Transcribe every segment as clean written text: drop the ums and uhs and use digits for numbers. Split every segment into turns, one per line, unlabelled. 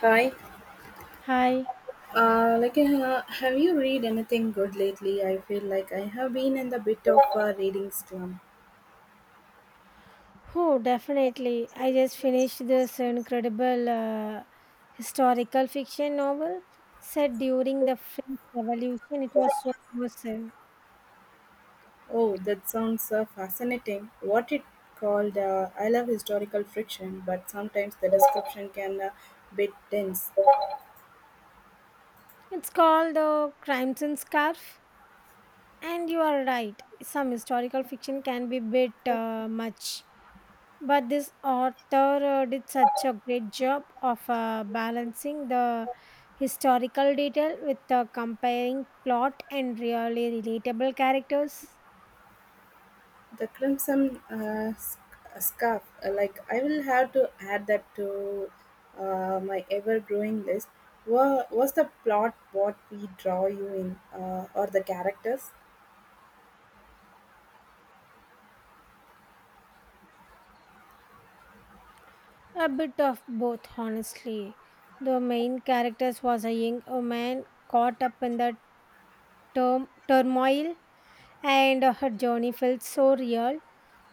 Hi,
Hi.
have you read anything good lately? I feel like I have been in the bit of a reading slump.
Oh, definitely. I just finished this incredible historical fiction novel set during the French Revolution. It was so immersive.
Oh, that sounds fascinating. What it called? I love historical friction, but sometimes the description can bit dense.
It's called Crimes and Scarf. And you are right. Some historical fiction can be a bit much. But this author did such a great job of balancing the historical detail with the comparing plot and really relatable characters.
The Crimson Scarf. Like I will have to add that to my ever-growing list. Was the plot what we draw you in, or the characters?
A bit of both, honestly. The main characters was a young woman caught up in the turmoil, and her journey felt so real.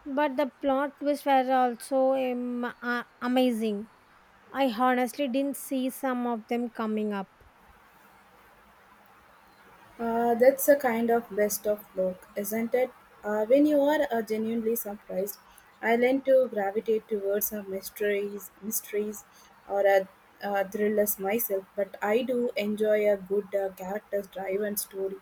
But the plot twists were also amazing. I honestly didn't see some of them coming up.
That's a kind of best of luck, isn't it? When you are genuinely surprised, I learn to gravitate towards mysteries, or thrillers myself. But I do enjoy a good character-driven story.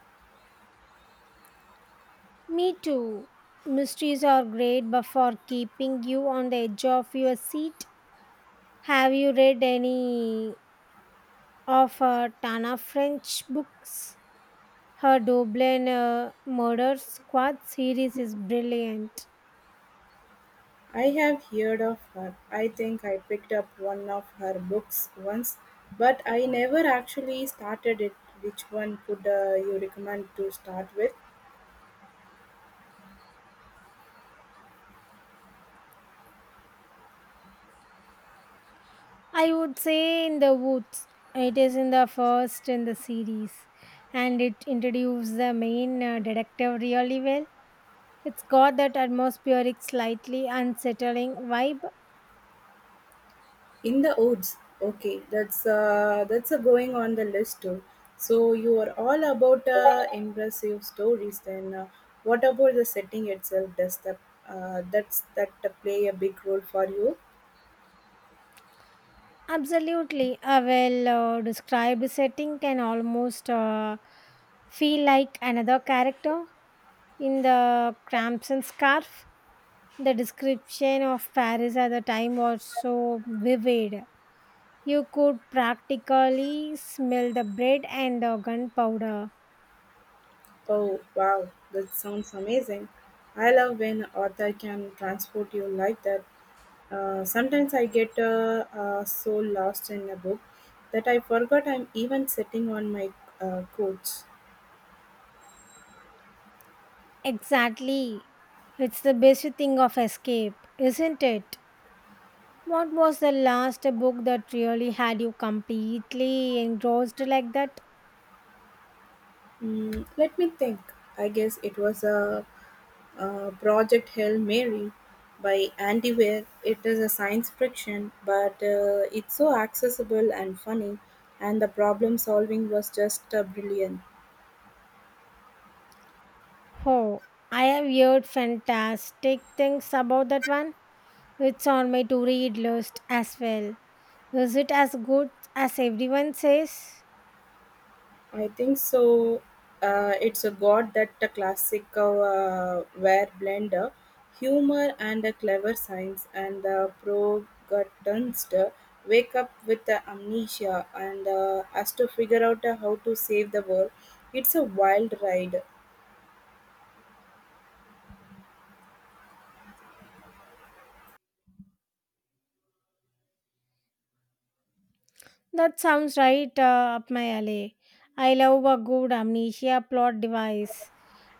Me too. Mysteries are great, but for keeping you on the edge of your seat, have you read any of Tana French books? Her Dublin Murder Squad series is brilliant.
I have heard of her. I think I picked up one of her books once, but I never actually started it. Which one could you recommend to start with?
I would say In the Woods. It is in the first in the series and it introduces the main detective really well. It's got that atmospheric, slightly unsettling vibe.
In the woods. Okay, that's a going on the list too. So you are all about impressive stories. Then, what about the setting itself? Does that play a big role for you?
Absolutely. A well described setting can almost feel like another character in the Crimson Scarf. The description of Paris at the time was so vivid. You could practically smell the bread and the gunpowder.
Oh wow, that sounds amazing. I love when author can transport you like that. Sometimes I get so lost in a book that I forgot I'm even sitting on my couch.
Exactly. It's the best thing of escape, isn't it? What was the last book that really had you completely engrossed like that?
Mm, let me think. I guess it was Project Hail Mary by Andy Weir. It is a science fiction, but it's so accessible and funny, and the problem solving was just brilliant.
Oh, I have heard fantastic things about that one. It's on my to read list as well. Is it as good as everyone says?
I think so. It's a god that a classic ware blender, humor and a clever science, and the protagonist wake up with the amnesia and has to figure out how to save the world. It's a wild ride.
That sounds right up my alley. I love a good amnesia plot device.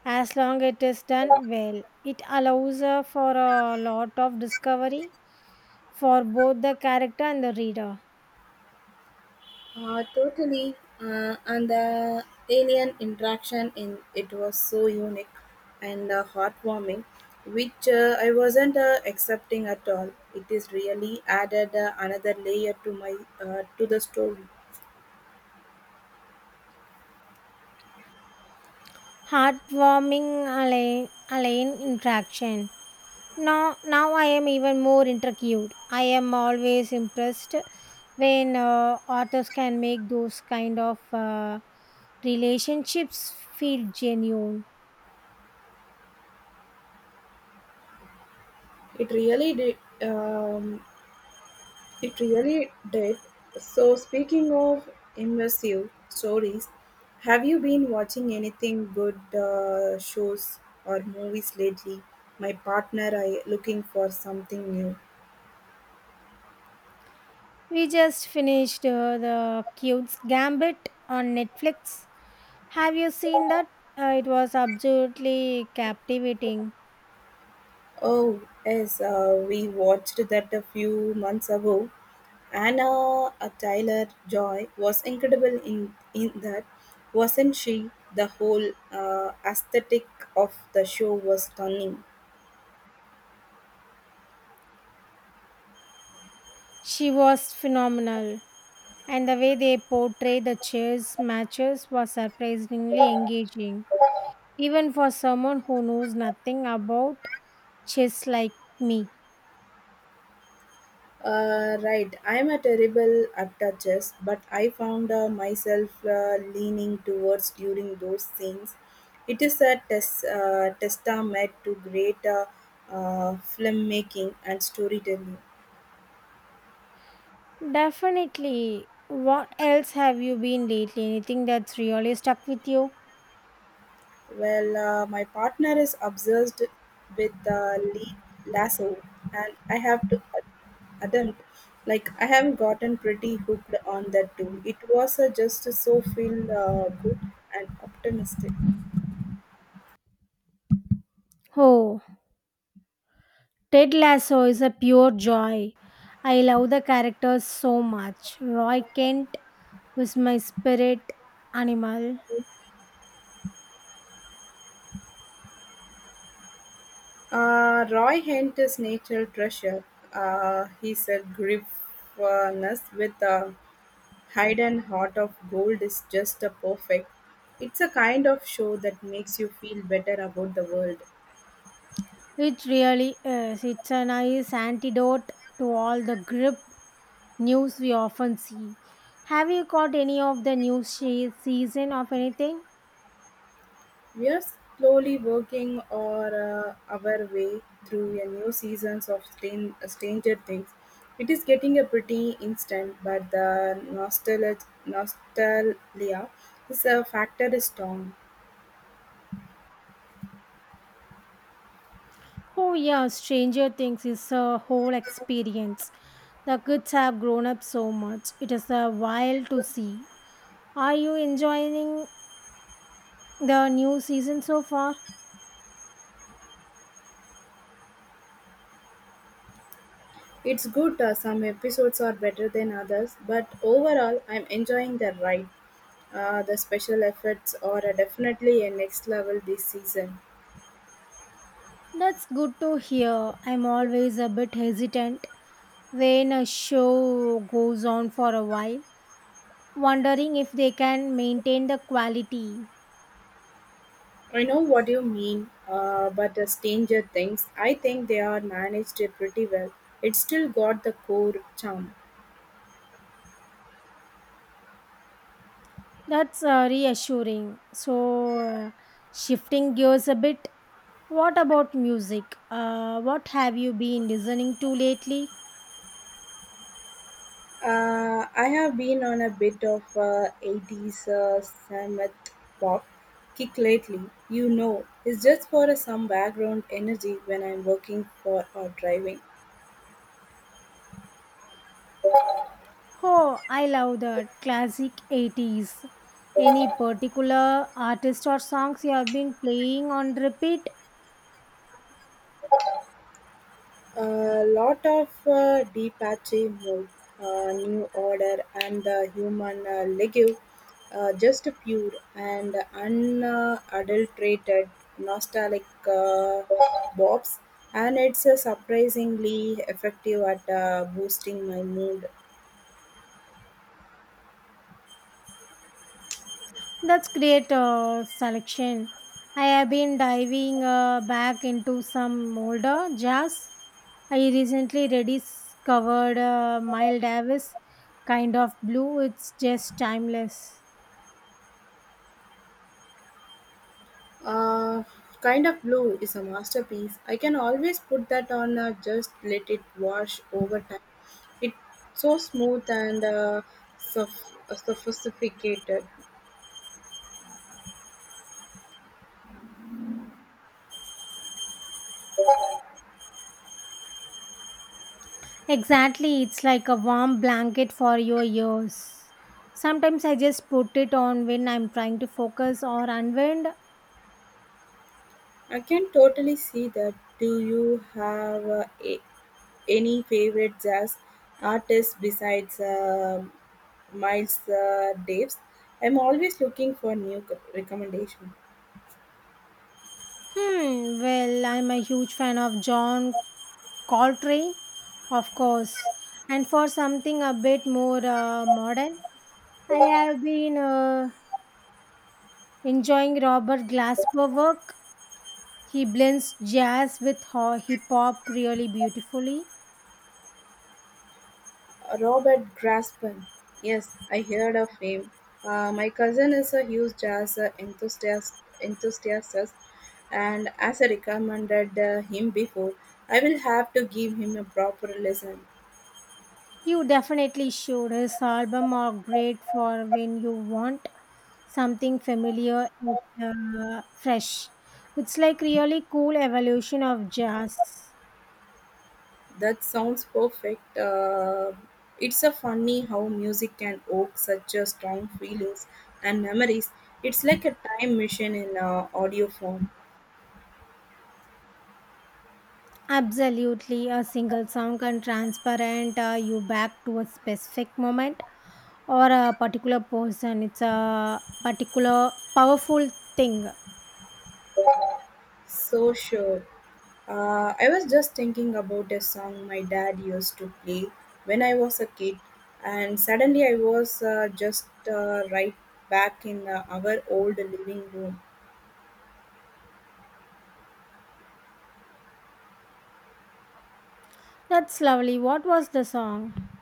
As long it is done well, it allows for a lot of discovery for both the character and the reader.
Totally. And the alien interaction in it was so unique and heartwarming, which I wasn't accepting at all. It is really added another layer to my to the story.
Heartwarming Alain interaction. Now I am even more intrigued. I am always impressed when authors can make those kind of relationships feel genuine.
It really did. Um, It really did. So, speaking of immersive stories, have you been watching anything good shows or movies lately? My partner I looking for something new.
We just finished the Cube's Gambit on Netflix. Have you seen that? It was absolutely captivating.
Oh, yes, we watched that a few months ago. Anna Tyler Joy was incredible in that, wasn't she? The whole aesthetic of the show was stunning.
She was phenomenal, and the way they portrayed the chess matches was surprisingly engaging, even for someone who knows nothing about chess like me.
Right, I'm a terrible at the chess, but I found myself leaning towards during those scenes. It is a testament to great filmmaking and storytelling.
Definitely. What else have you been lately? Anything that's really stuck with you?
Well, my partner is obsessed with Lee Lasso, and I have to attempt. Like I have gotten pretty hooked on that too. It was just so feel good and optimistic.
Oh, Ted Lasso is a pure joy. I love the characters so much. Roy Kent was my spirit animal.
Roy Kent is national treasure. He's a griffness with a hidden heart of gold is just a perfect. It's a kind of show that makes you feel better about the world.
It really is. It's a nice antidote to all the grip news we often see. Have you caught any of the new season of anything?
We are slowly working our way through a new seasons of Stranger Things. It is getting a pretty instant, but the nostalgia is a factor is strong.
Oh, yeah, Stranger Things is a whole experience. The kids have grown up so much. It is a while to see. Are you enjoying the new season so far?
It's good, some episodes are better than others, but overall, I'm enjoying the ride. The special effects are definitely a next level this season.
That's good to hear. I'm always a bit hesitant when a show goes on for a while, wondering if they can maintain the quality.
I know what you mean, but the Stranger Things, I think they are managed it pretty well. It still got the core charm.
That's reassuring. So, shifting gears a bit, what about music? What have you been listening to lately?
I have been on a bit of 80s Samet pop kick lately. You know, it's just for some background energy when I'm working for or driving.
Oh, I love that classic 80s. Any particular artist or songs you have been playing on repeat?
A lot of Deepachi moved, New Order, and the Human Legue, just pure and unadulterated nostalgic bops, and it's surprisingly effective at boosting my mood.
That's great selection. I have been diving back into some older jazz. I recently rediscovered Miles Davis kind of blue. It's just timeless.
Uh, Kind of Blue is a masterpiece. I can always put that on just let it wash over time. It's so smooth and sophisticated.
Exactly, it's like a warm blanket for your ears. Sometimes I just put it on when I'm trying to focus or unwind.
I can totally see that. Do you have any favorite jazz artists besides Miles Davis? I'm always looking for new recommendations.
Hmm, well, I'm a huge fan of John Call Coltrane, of course. And for something a bit more modern, I have been enjoying Robert Glasper work. He blends jazz with hip hop really beautifully.
Robert Graspan. Yes, I heard of him. My cousin is a huge jazz enthusiast, and as I recommended him before, I will have to give him a proper lesson.
You definitely should. His album are great for when you want something familiar and fresh. It's like really cool evolution of jazz.
That sounds perfect. It's a funny how music can evoke such a strong feelings and memories. It's like a time machine in audio form.
Absolutely, a single song can transparent you back to a specific moment or a particular person. It's a particular powerful thing.
So sure. I was just thinking about a song my dad used to play when I was a kid, and suddenly I was just right back in our old living room.
That's lovely. What was the song?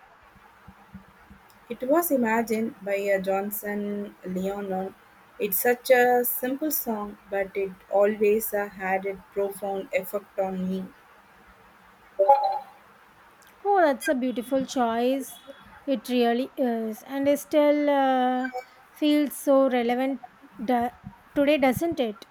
It was Imagine by Johnson Leonard. It's such a simple song, but it always had a profound effect on me.
Oh, that's a beautiful choice. It really is, and it still feels so relevant da- today, doesn't it?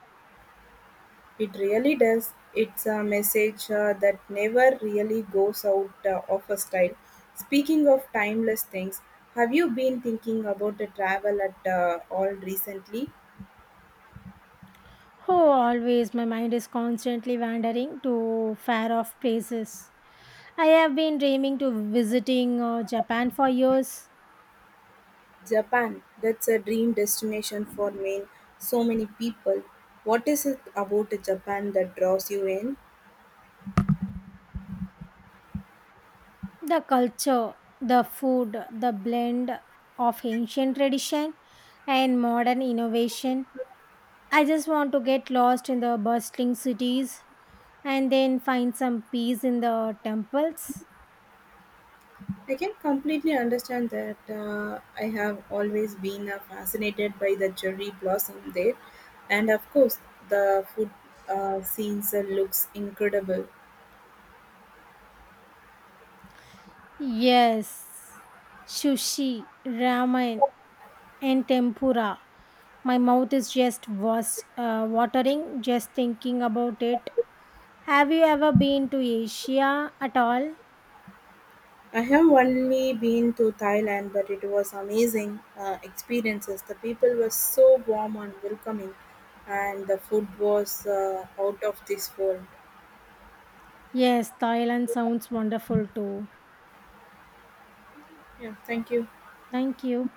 It really does, it's a message that never really goes out of a style. Speaking of timeless things, have you been thinking about the travel at all recently?
Oh, always. My mind is constantly wandering to far off places. I have been dreaming to visiting Japan for years.
Japan, that's a dream destination for me, so many people. What is it about Japan that draws you in?
The culture, the food, the blend of ancient tradition and modern innovation. I just want to get lost in the bustling cities and then find some peace in the temples.
I can completely understand that. I have always been fascinated by the cherry blossom there, and of course, the food scenes looks incredible.
Yes, sushi, ramen, and tempura. My mouth is just was watering just thinking about it. Have you ever been to Asia at all?
I have only been to Thailand, but it was amazing experiences. The people were so warm and welcoming, and the food was out of this world.
Yes, Thailand sounds wonderful too.
Yeah, thank you.
Thank you.